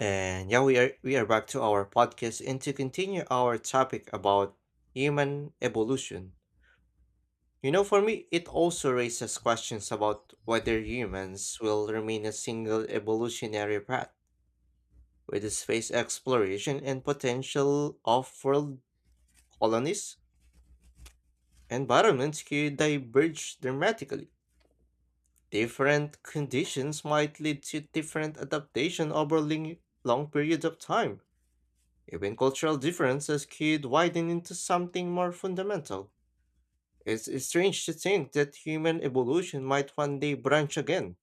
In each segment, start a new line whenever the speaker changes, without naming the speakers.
And yeah, we are back to our podcast and to continue our topic about human evolution. You know, for me, it also raises questions about whether humans will remain a single evolutionary path with the space exploration and potential off-world colonies. Environments could diverge dramatically. Different conditions might lead to different adaptation over long periods of time. Even cultural differences could widen into something more fundamental. It's strange to think that human evolution might one day branch again.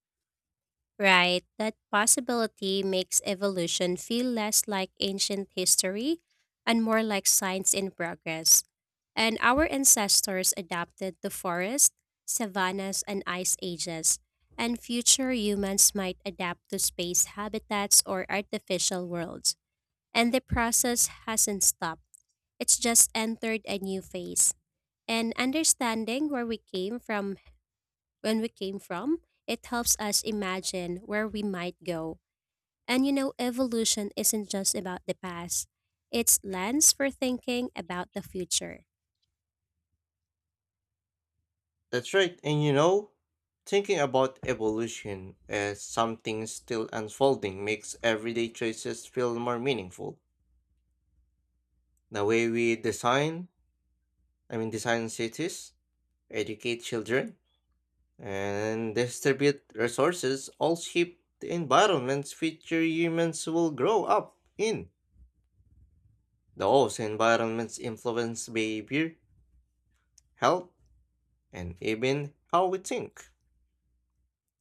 Right, that possibility makes evolution feel less like ancient history and more like science in progress. And our ancestors adapted to forests, savannas, and ice ages, and future humans might adapt to space habitats or artificial worlds. And the process hasn't stopped, it's just entered a new phase. And understanding where we came from, when we came from, it helps us imagine where we might go. And evolution isn't just about the past, it's lens for thinking about the future.
That's right, and you know, thinking about evolution as something still unfolding makes everyday choices feel more meaningful. The way we design, design cities, educate children, and distribute resources all shape the environments future humans will grow up in. Those environments influence behavior, health, and even how we think,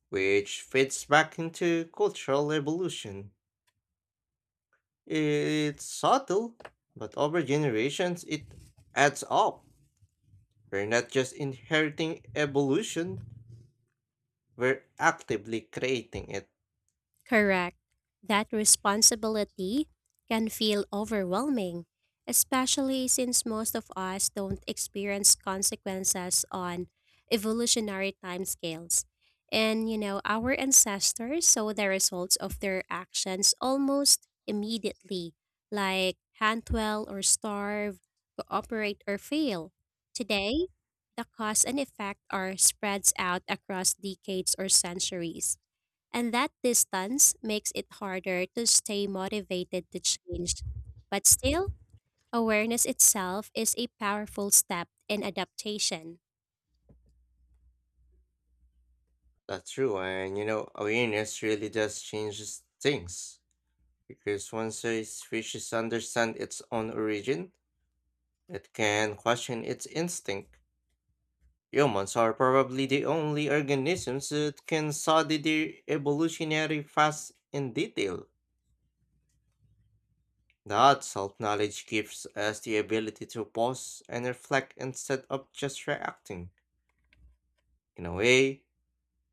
which fits back into cultural evolution. It's subtle, but over generations it adds up. We're not just inheriting evolution, we're actively creating it.
Correct. That responsibility can feel overwhelming, especially since most of us don't experience consequences on evolutionary timescales. And, our ancestors saw the results of their actions almost immediately, like hunt well or starve, cooperate or fail. Today, the cause and effect are spreads out across decades or centuries. And that distance makes it harder to stay motivated to change. But still, awareness itself is a powerful step in adaptation.
That's true, and you know, awareness really does changes things. Because once a species understands its own origin, it can question its instinct. Humans are probably the only organisms that can study their evolutionary past in detail. That self knowledge gives us the ability to pause and reflect instead of just reacting. In a way,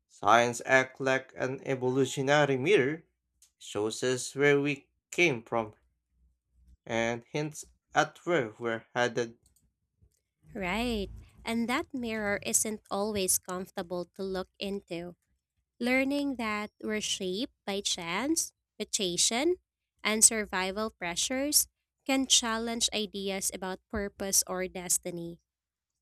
science acts like an evolutionary mirror. It shows us where we came from and hints at where we're headed.
Right. And that mirror isn't always comfortable to look into. Learning that we're shaped by chance, mutation, and survival pressures can challenge ideas about purpose or destiny.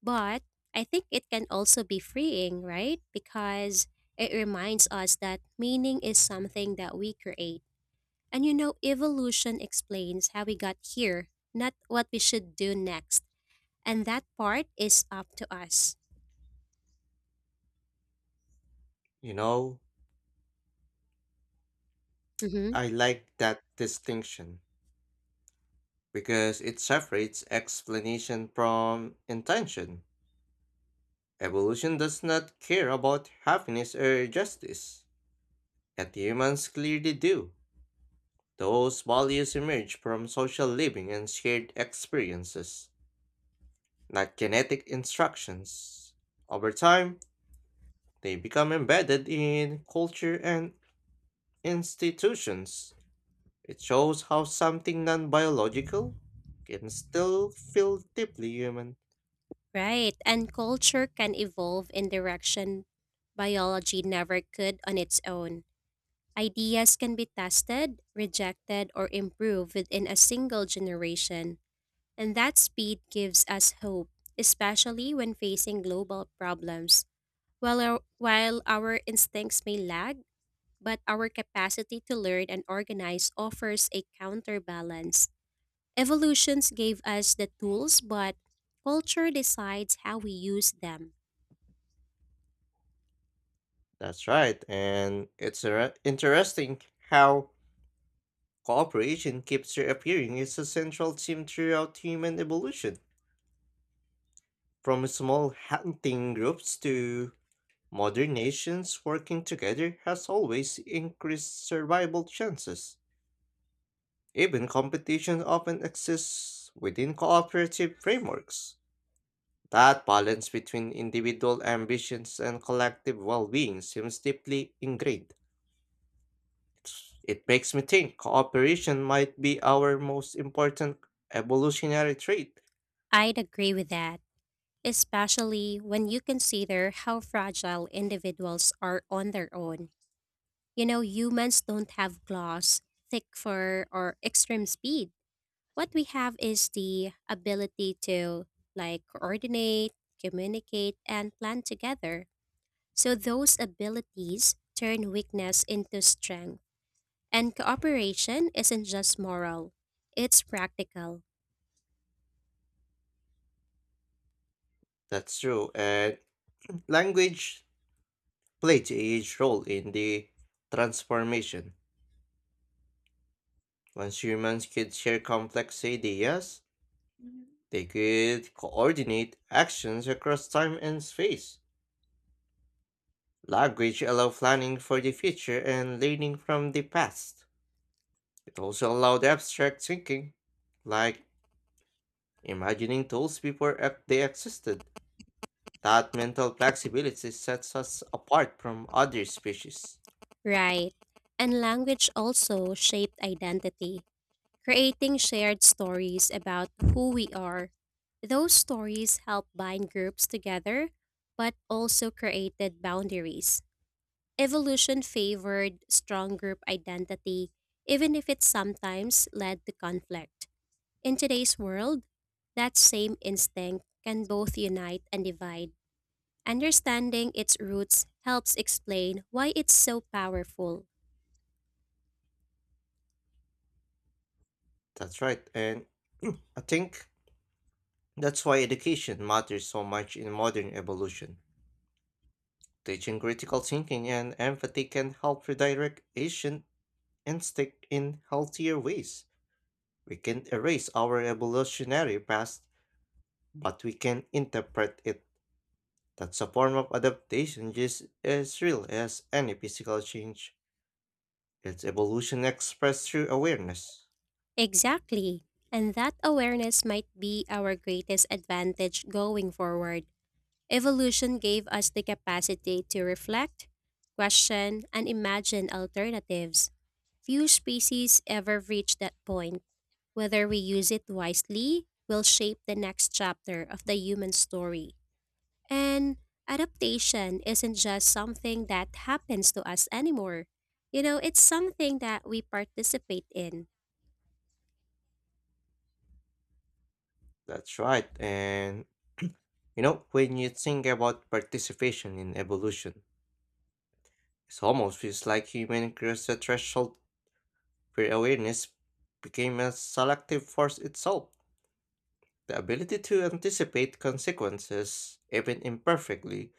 But I think it can also be freeing, right? Because it reminds us that meaning is something that we create. And evolution explains how we got here, not what we should do next. And that part is up to us.
You know,
Hmm.
I like that distinction because it separates explanation from intention. Evolution does not care about happiness or justice, yet humans clearly do. Those values emerge from social living and shared experiences, not genetic instructions. Over time, they become embedded in culture and institutions. It shows how something non biological can still feel deeply human.
Right. And culture can evolve in direction biology never could on its own. Ideas can be tested, rejected, or improved within a single generation. And that speed gives us hope, especially when facing global problems. While our instincts may lag, but our capacity to learn and organize offers a counterbalance. Evolutions gave us the tools, but culture decides how we use them.
That's right, and it's interesting how cooperation keeps reappearing as a central theme throughout human evolution. From small hunting groups to modern nations, working together has always increased survival chances. Even competition often exists within cooperative frameworks. That balance between individual ambitions and collective well being seems deeply ingrained. It makes me think cooperation might be our most important evolutionary trait.
I'd agree with that, especially when you consider how fragile individuals are on their own. You know, humans don't have claws, thick fur, or extreme speed. What we have is the ability to like coordinate, communicate, and plan together. So those abilities turn weakness into strength. And cooperation isn't just moral, it's practical.
That's true. And language played a huge role in the transformation. Once humans could share complex ideas, they could coordinate actions across time and space. Language allowed planning for the future and learning from the past. It also allowed abstract thinking, like imagining tools before they existed. That mental flexibility sets us apart from other species.
Right. And language also shaped identity, creating shared stories about who we are. Those stories help bind groups together, but also created boundaries. Evolution favored strong group identity, even if it sometimes led to conflict. In today's world, that same instinct can both unite and divide. Understanding its roots helps explain why it's so powerful.
That's right. And I think that's why education matters so much in modern evolution. Teaching critical thinking and empathy can help redirect ancient instinct in healthier ways. We can erase our evolutionary past, but we can interpret it. That's a form of adaptation just as real as any physical change. It's evolution expressed through awareness.
Exactly. And that awareness might be our greatest advantage going forward. Evolution gave us the capacity to reflect, question, and imagine alternatives. Few species ever reach that point. Whether we use it wisely will shape the next chapter of the human story. And adaptation isn't just something that happens to us anymore. You know, it's something that we participate in.
That's right, and you know, when you think about participation in evolution, it almost feels like human crossed the threshold. Pre awareness became a selective force itself. The ability to anticipate consequences, even imperfectly,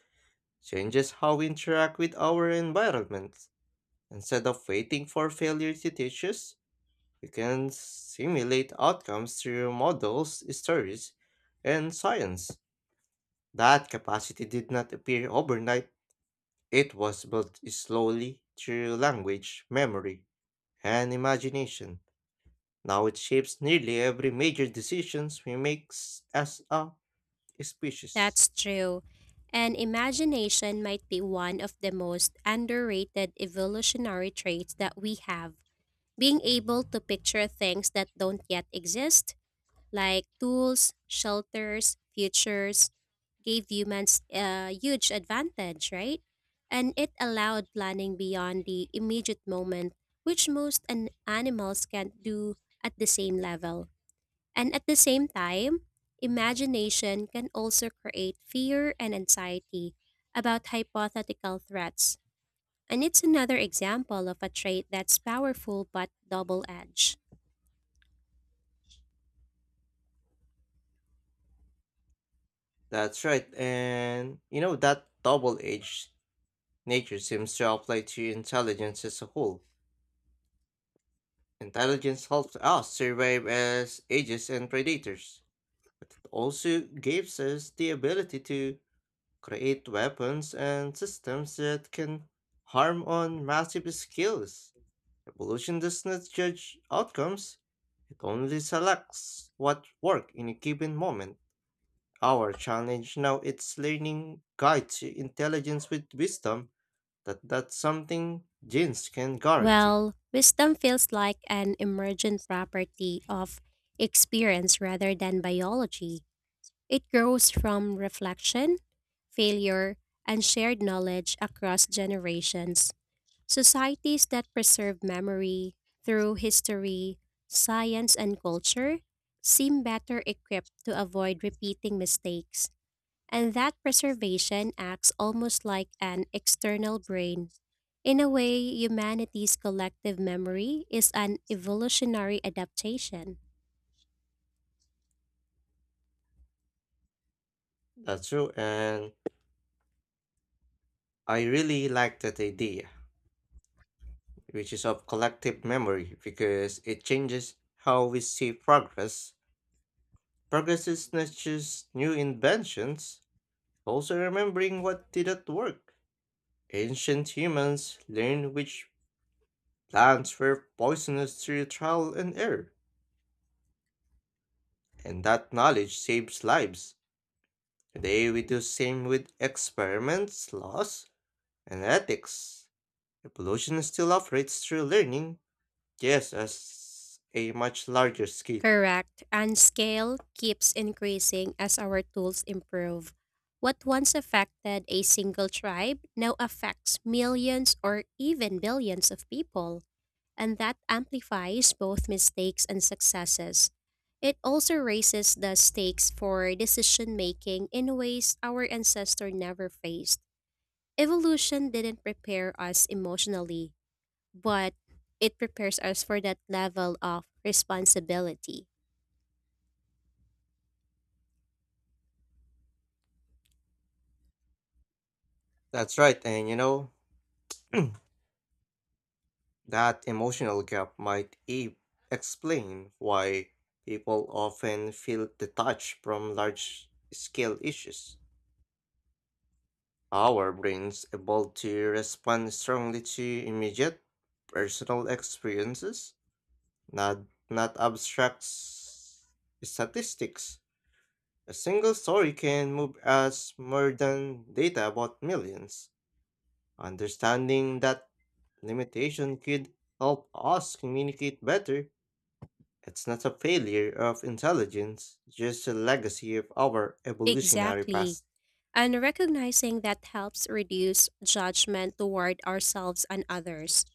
changes how we interact with our environment. Instead of waiting for failure to teach us, we can simulate outcomes through models, stories, and science. That capacity did not appear overnight, it was built slowly through language, memory, and imagination. Now it shapes nearly every major decisions we make as a species.
That's true. And imagination might be one of the most underrated evolutionary traits that we have. Being able to picture things that don't yet exist, like tools, shelters, futures, gave humans a huge advantage, right? And it allowed planning beyond the immediate moment, which most animals can't do at the same level. And at the same time, imagination can also create fear and anxiety about hypothetical threats. And it's another example of a trait that's powerful but double edged.
That's right, and you know that double-edged nature seems to apply to intelligence as a whole. Intelligence helps us survive as ages and predators, but it also gives us the ability to create weapons and systems that can harm on massive scales. Evolution does not judge outcomes, it only selects what work in a given moment. Our challenge now is learning guides intelligence with wisdom that's something genes can guarantee.
Well, wisdom feels like an emergent property of experience rather than biology. It grows from reflection, failure, and shared knowledge across generations. Societies that preserve memory through history, science, and culture seem better equipped to avoid repeating mistakes, and that preservation acts almost like an external brain. In a way, humanity's collective memory is an evolutionary adaptation.
That's true and I really like that idea, which is of collective memory because it changes how we see progress. Progress is not just new inventions, also remembering what didn't work. Ancient humans learned which plants were poisonous through trial and error, and that knowledge saves lives. Today we do same with experiments, laws, and ethics. Evolution still operates through learning, just as a much larger scale.
Correct, and scale keeps increasing as our tools improve. What once affected a single tribe now affects millions or even billions of people, and that amplifies both mistakes and successes. It also raises the stakes for decision making in ways our ancestor never faced. Evolution didn't prepare us emotionally, but it prepares us for that level of responsibility.
That's right, and you know, that emotional gap might explain why people often feel detached from large scale issues. Our brains evolved to respond strongly to immediate personal experiences, not abstract statistics. A single story can move us more than data about millions. Understanding that limitation could help us communicate better. It's not a failure of intelligence, just a legacy of our evolutionary
Exactly.
past.
And recognizing that helps reduce judgment toward ourselves and others.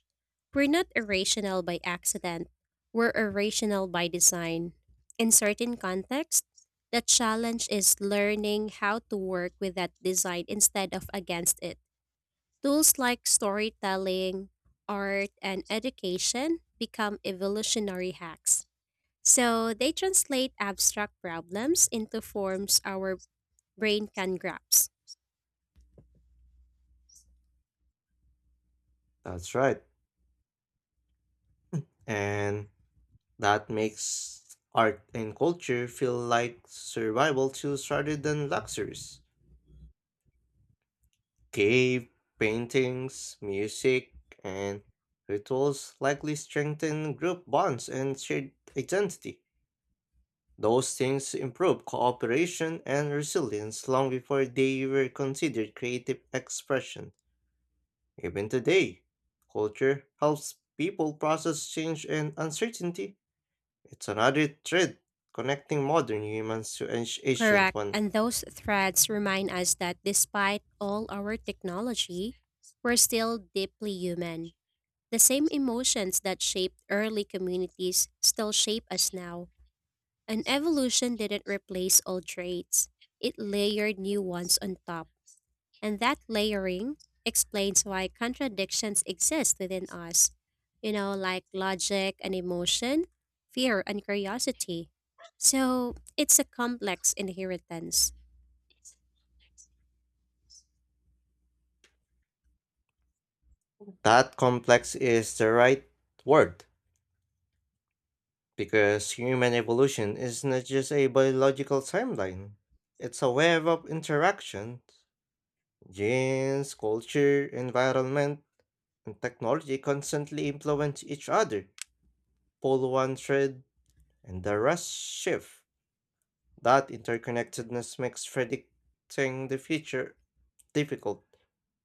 We're not irrational by accident, we're irrational by design. In certain contexts, the challenge is learning how to work with that design instead of against it. Tools like storytelling, art, and education become evolutionary hacks. So they translate abstract problems into forms our brain can grasp.
That's right. And that makes art and culture feel like survival tools rather than luxuries. Cave paintings, music, and rituals likely strengthen group bonds and shared identity. Those things improve cooperation and resilience long before they were considered creative expression. Even today, culture helps people process change and uncertainty. It's another thread connecting modern humans to ancient
Correct.
one.
And those threads remind us that despite all our technology, we're still deeply human. The same emotions that shaped early communities still shape us now. And evolution didn't replace old traits, it layered new ones on top. And that layering explains why contradictions exist within us. You know, like logic and emotion, fear and curiosity. So it's a complex inheritance.
That complex is the right word because human evolution is not just a biological timeline. It's a web of interactions. Genes, culture, environment, and technology constantly influence each other. Pull one thread and the rest shift. That interconnectedness makes predicting the future difficult,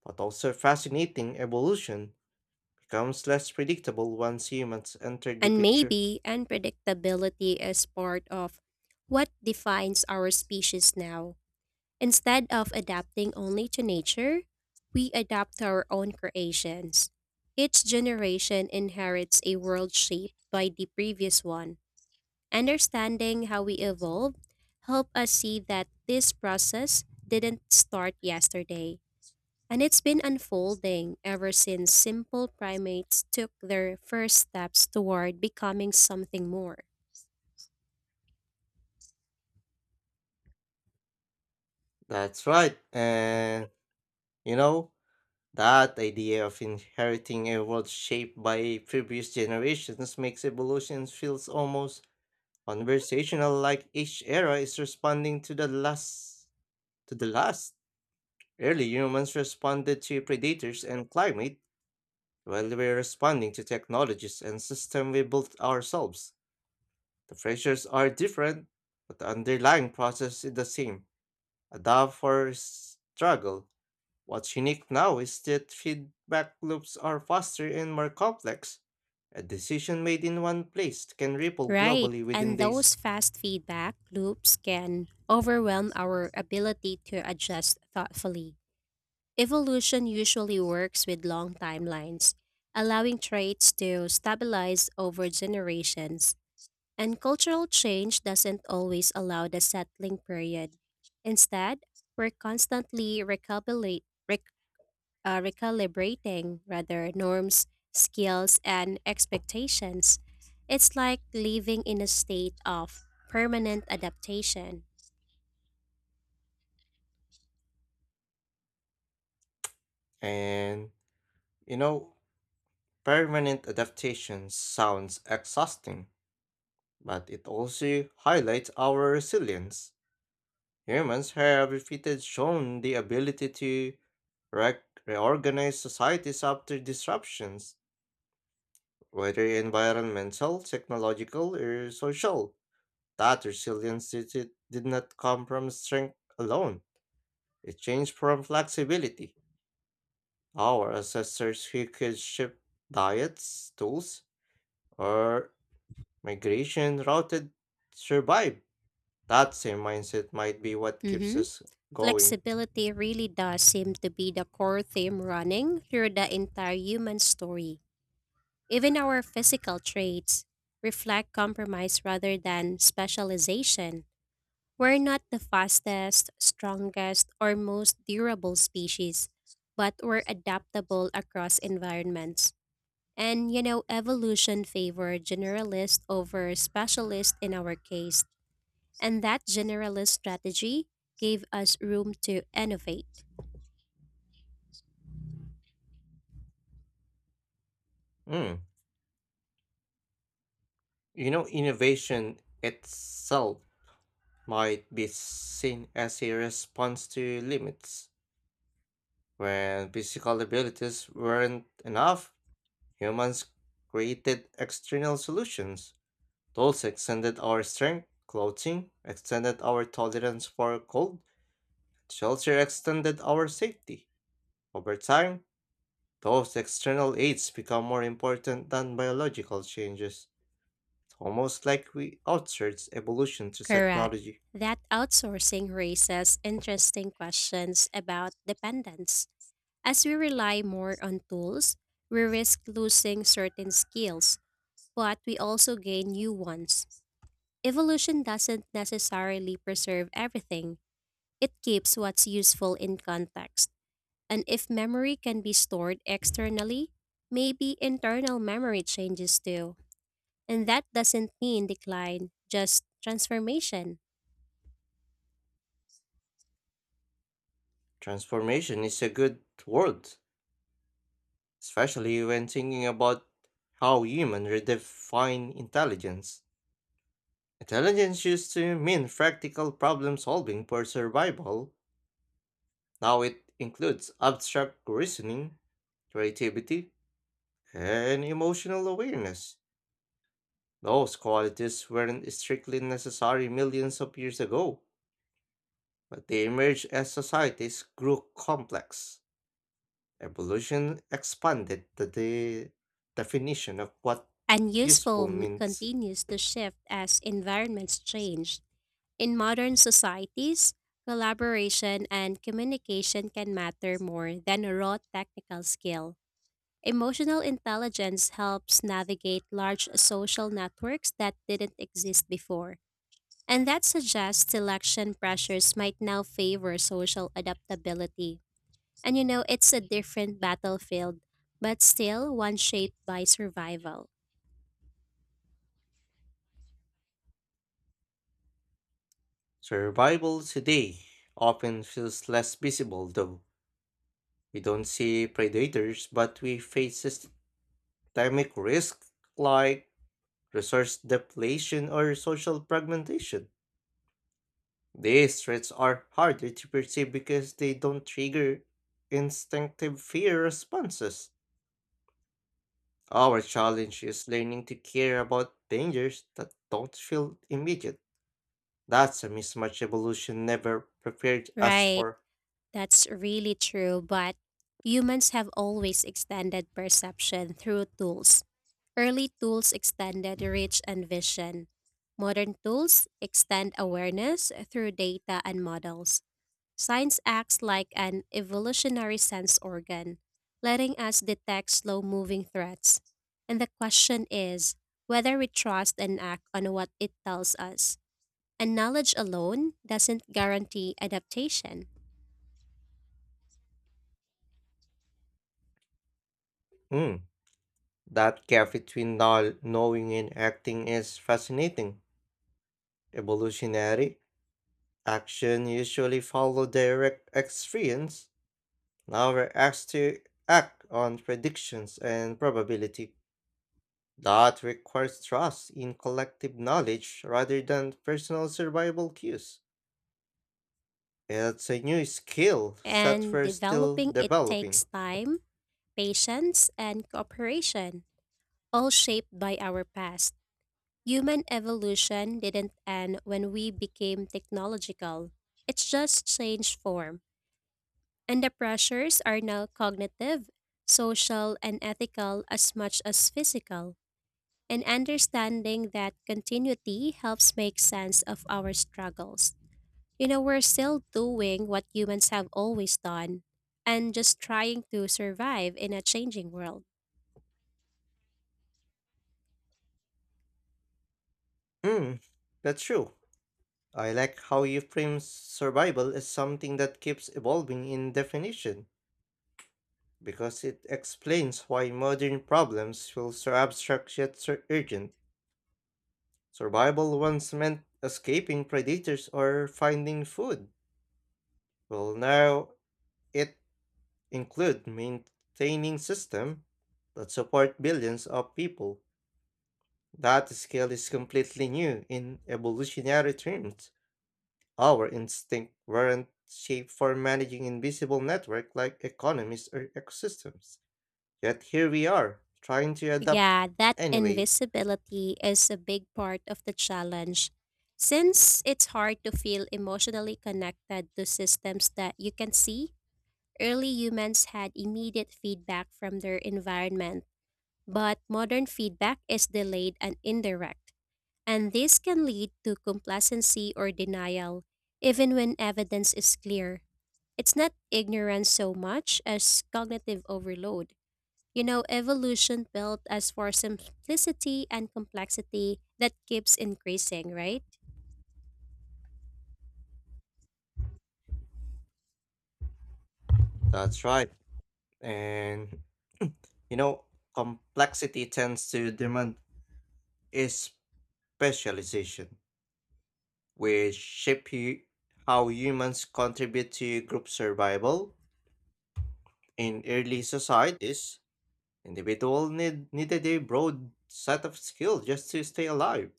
but also fascinating evolution becomes less predictable once humans entered the
And
picture.
maybe unpredictability is part of what defines our species now. Instead of adapting only to nature, we adapt to our own creations. Each generation inherits a world shaped by the previous one. Understanding how we evolve help us see that this process didn't start yesterday. And it's been unfolding ever since simple primates took their first steps toward becoming something more.
That's right. And you know, that idea of inheriting a world shaped by previous generations makes evolution feels almost conversational, like each era is responding to the last to the last. Early humans responded to predators and climate, while we're responding to technologies and systems we built ourselves. The pressures are different, but the underlying process is the same. A dub for struggle. What's unique now is that feedback loops are faster and more complex. A decision made in one place can ripple
Right,
globally within
and
days.
those fast feedback loops can overwhelm our ability to adjust thoughtfully. Evolution usually works with long timelines, allowing traits to stabilize over generations, and cultural change doesn't always allow the settling period. Instead, we're constantly recalculating recalibrating rather norms, skills, and expectations. It's like living in a state of permanent adaptation.
And, you know, permanent adaptation sounds exhausting, but it also highlights our resilience. Humans have repeatedly shown the ability to re- reorganize societies after disruptions, whether environmental, technological, or social. That resilience did not come from strength alone. It changed from flexibility. Our ancestors who could shift diets, tools, or migration routed survive. That same mindset might be what keeps
Hmm.
us going.
Flexibility really does seem to be the core theme running through the entire human story. Even our physical traits reflect compromise rather than specialization. We're not the fastest, strongest, or most durable species, but we're adaptable across environments. And evolution favored generalist over specialist in our case, and that generalist strategy gave us room to innovate.
Mm. You know, innovation itself might be seen as a response to limits. When physical abilities weren't enough, humans created external solutions. Tools extended our strength, clothing extended our tolerance for cold, shelter extended our safety. Over time, those external aids become more important than biological changes. It's almost like we outsourced evolution to
Correct.
technology.
That outsourcing raises interesting questions about dependence. As we rely more on tools, we risk losing certain skills but we also gain new ones. Evolution doesn't necessarily preserve everything, it keeps what's useful in context. And if memory can be stored externally, maybe internal memory changes too. And that doesn't mean decline, just transformation.
Transformation is a good word, especially when thinking about how humans redefine intelligence. Intelligence used to mean practical problem solving for survival. Now it includes abstract reasoning, creativity, and emotional awareness. Those qualities weren't strictly necessary millions of years ago, but they emerged as societies grew complex. Evolution expanded the definition of what
And useful
useful means.
continues to shift as environments change. In modern societies, collaboration and communication can matter more than a raw technical skill. Emotional intelligence helps navigate large social networks that didn't exist before, and that suggests selection pressures might now favor social adaptability. And it's a different battlefield, but still one shaped by survival.
Survival today often feels less visible, though. We don't see predators, but we face systemic risks like resource depletion or social fragmentation. These threats are harder to perceive because they don't trigger instinctive fear responses. Our challenge is learning to care about dangers that don't feel immediate. That's a mismatch evolution never prepared us
Right,
for.
that's really true, but humans have always extended perception through tools. Early tools extended reach and vision. Modern tools extend awareness through data and models. Science acts like an evolutionary sense organ, letting us detect slow moving threats. And the question is whether we trust and act on what it tells us. And knowledge alone doesn't guarantee adaptation.
Mm, that gap between knowing and acting is fascinating. Evolutionary action usually follow direct experience. Now we're asked to act on predictions and probability. That requires trust in collective knowledge rather than personal survival cues. It's a new skill set,
And
we're still
developing it
developing.
takes time, patience, and cooperation, all shaped by our past. Human evolution didn't end when we became technological. It's just changed form. And the pressures are now cognitive, social, and ethical as much as physical. And understanding that continuity helps make sense of our struggles. You know, we're still doing what humans have always done and just trying to survive in a changing world.
Hmm, that's true. I like how you frame survival as something that keeps evolving in definition, because it explains why modern problems feel so abstract yet so urgent. Survival once meant escaping predators or finding food. Well, now it includes maintaining system that support billions of people. That scale is completely new in evolutionary terms. Our instinct weren't shaped for managing invisible networks like economies or ecosystems. Yet here we are, trying to adapt
Yeah, that
anyway.
invisibility is a big part of the challenge. Since it's hard to feel emotionally connected to systems that you can see, early humans had immediate feedback from their environment, but modern feedback is delayed and indirect. And this can lead to complacency or denial, even when evidence is clear. It's not ignorance so much as cognitive overload. You know, evolution built us for simplicity and complexity that keeps increasing, right?
That's right. And you know, complexity tends to demand is specialization, which shape how humans contribute to group survival. In early societies, individual needed a broad set of skills just to stay alive.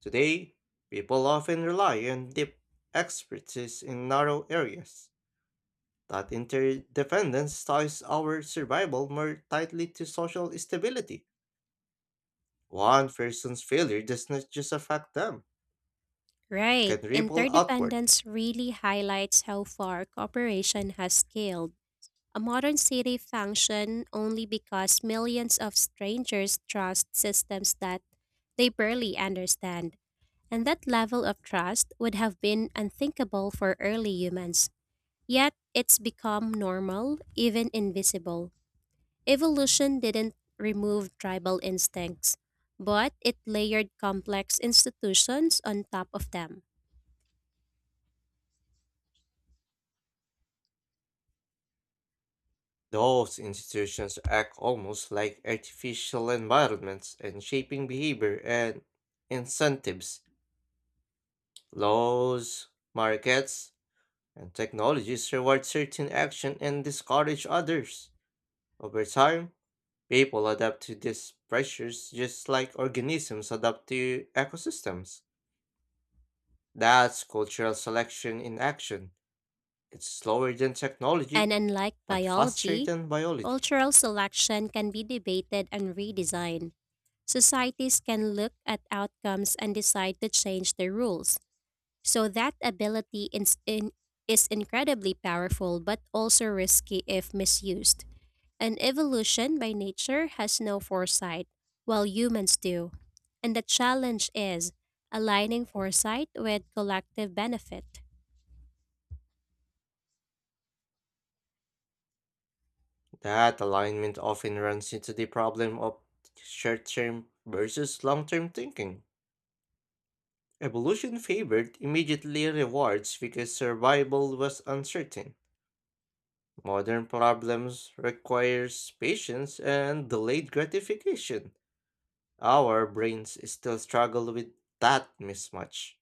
Today, people often rely on deep expertise in narrow areas. That interdependence ties our survival more tightly to social stability. One person's failure does not just affect them, it
Right.
can ripple outward.
Interdependence really highlights how far cooperation has scaled. A modern city functions only because millions of strangers trust systems that they barely understand. And that level of trust would have been unthinkable for early humans. Yet it's become normal, even invisible. Evolution didn't remove tribal instincts, but it layered complex institutions on top of them.
Those institutions act almost like artificial environments and shaping behavior and incentives. Laws, markets, and technologies reward certain action and discourage others. Over time, people adapt to these pressures just like organisms adapt to ecosystems. That's cultural selection in action. It's slower than
And
technology,
unlike
but faster
biology,
than biology.
cultural selection can be debated and redesigned. Societies can look at outcomes and decide to change their rules. So that ability is incredibly powerful but also risky if misused. And evolution by nature has no foresight, while humans do. And the challenge is aligning foresight with collective benefit,
That alignment often runs into the problem of short term versus long term thinking. Evolution favored immediately rewards because survival was uncertain. Modern problems requires patience and delayed gratification. Our brains still struggle with that mismatch.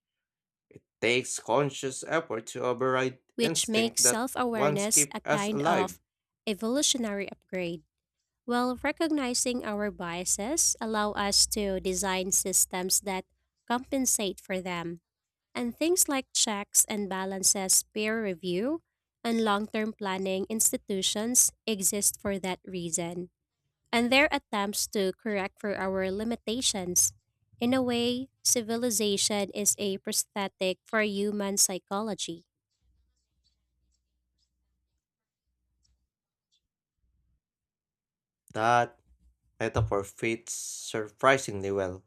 Takes conscious effort to override
which makes
instinct that
self
once
awareness
kept
a
us
kind
alive.
of evolutionary upgrade. While recognizing our biases allow us to design systems that compensate for them. And things like checks and balances, peer review, and long term planning institutions exist for that reason. And their attempts to correct for our limitations. In a way, civilization is a prosthetic for human psychology.
That metaphor fits surprisingly well.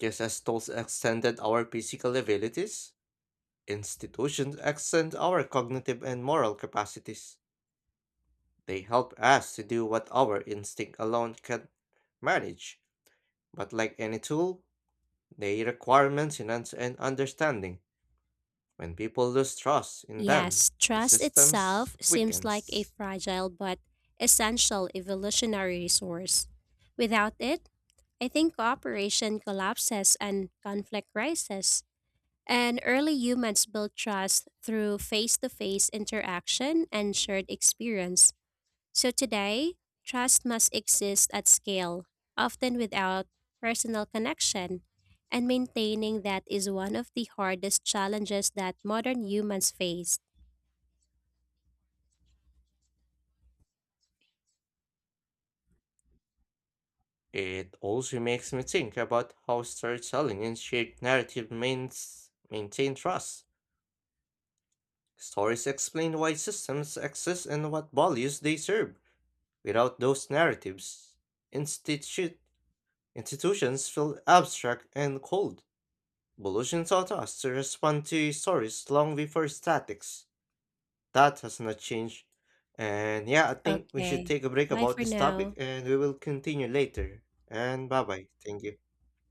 Just as tools extended our physical abilities, institutions extend our cognitive and moral capacities. They help us to do what our instinct alone can manage, but like any tool, they require maintenance and understanding. When people lose trust in them,
Yes,
the
trust
systems
itself seems like a
weakens.
fragile but essential evolutionary resource. Without it, I think cooperation collapses and conflict rises. And early humans built trust through face to face interaction and shared experience. So today, trust must exist at scale, often without personal connection. And maintaining that is one of the hardest challenges that modern humans face.
It also makes me think about how storytelling and shared narrative means maintain trust. Stories explain why systems exist and what values they serve. Without those narratives, institu- institutions feel abstract and cold. Evolution taught us to respond to stories long before statics. That has not changed. And yeah, I think we should
Okay,
take a break
bye
about
for
this topic
now.
and we will continue later. And bye bye. Thank you.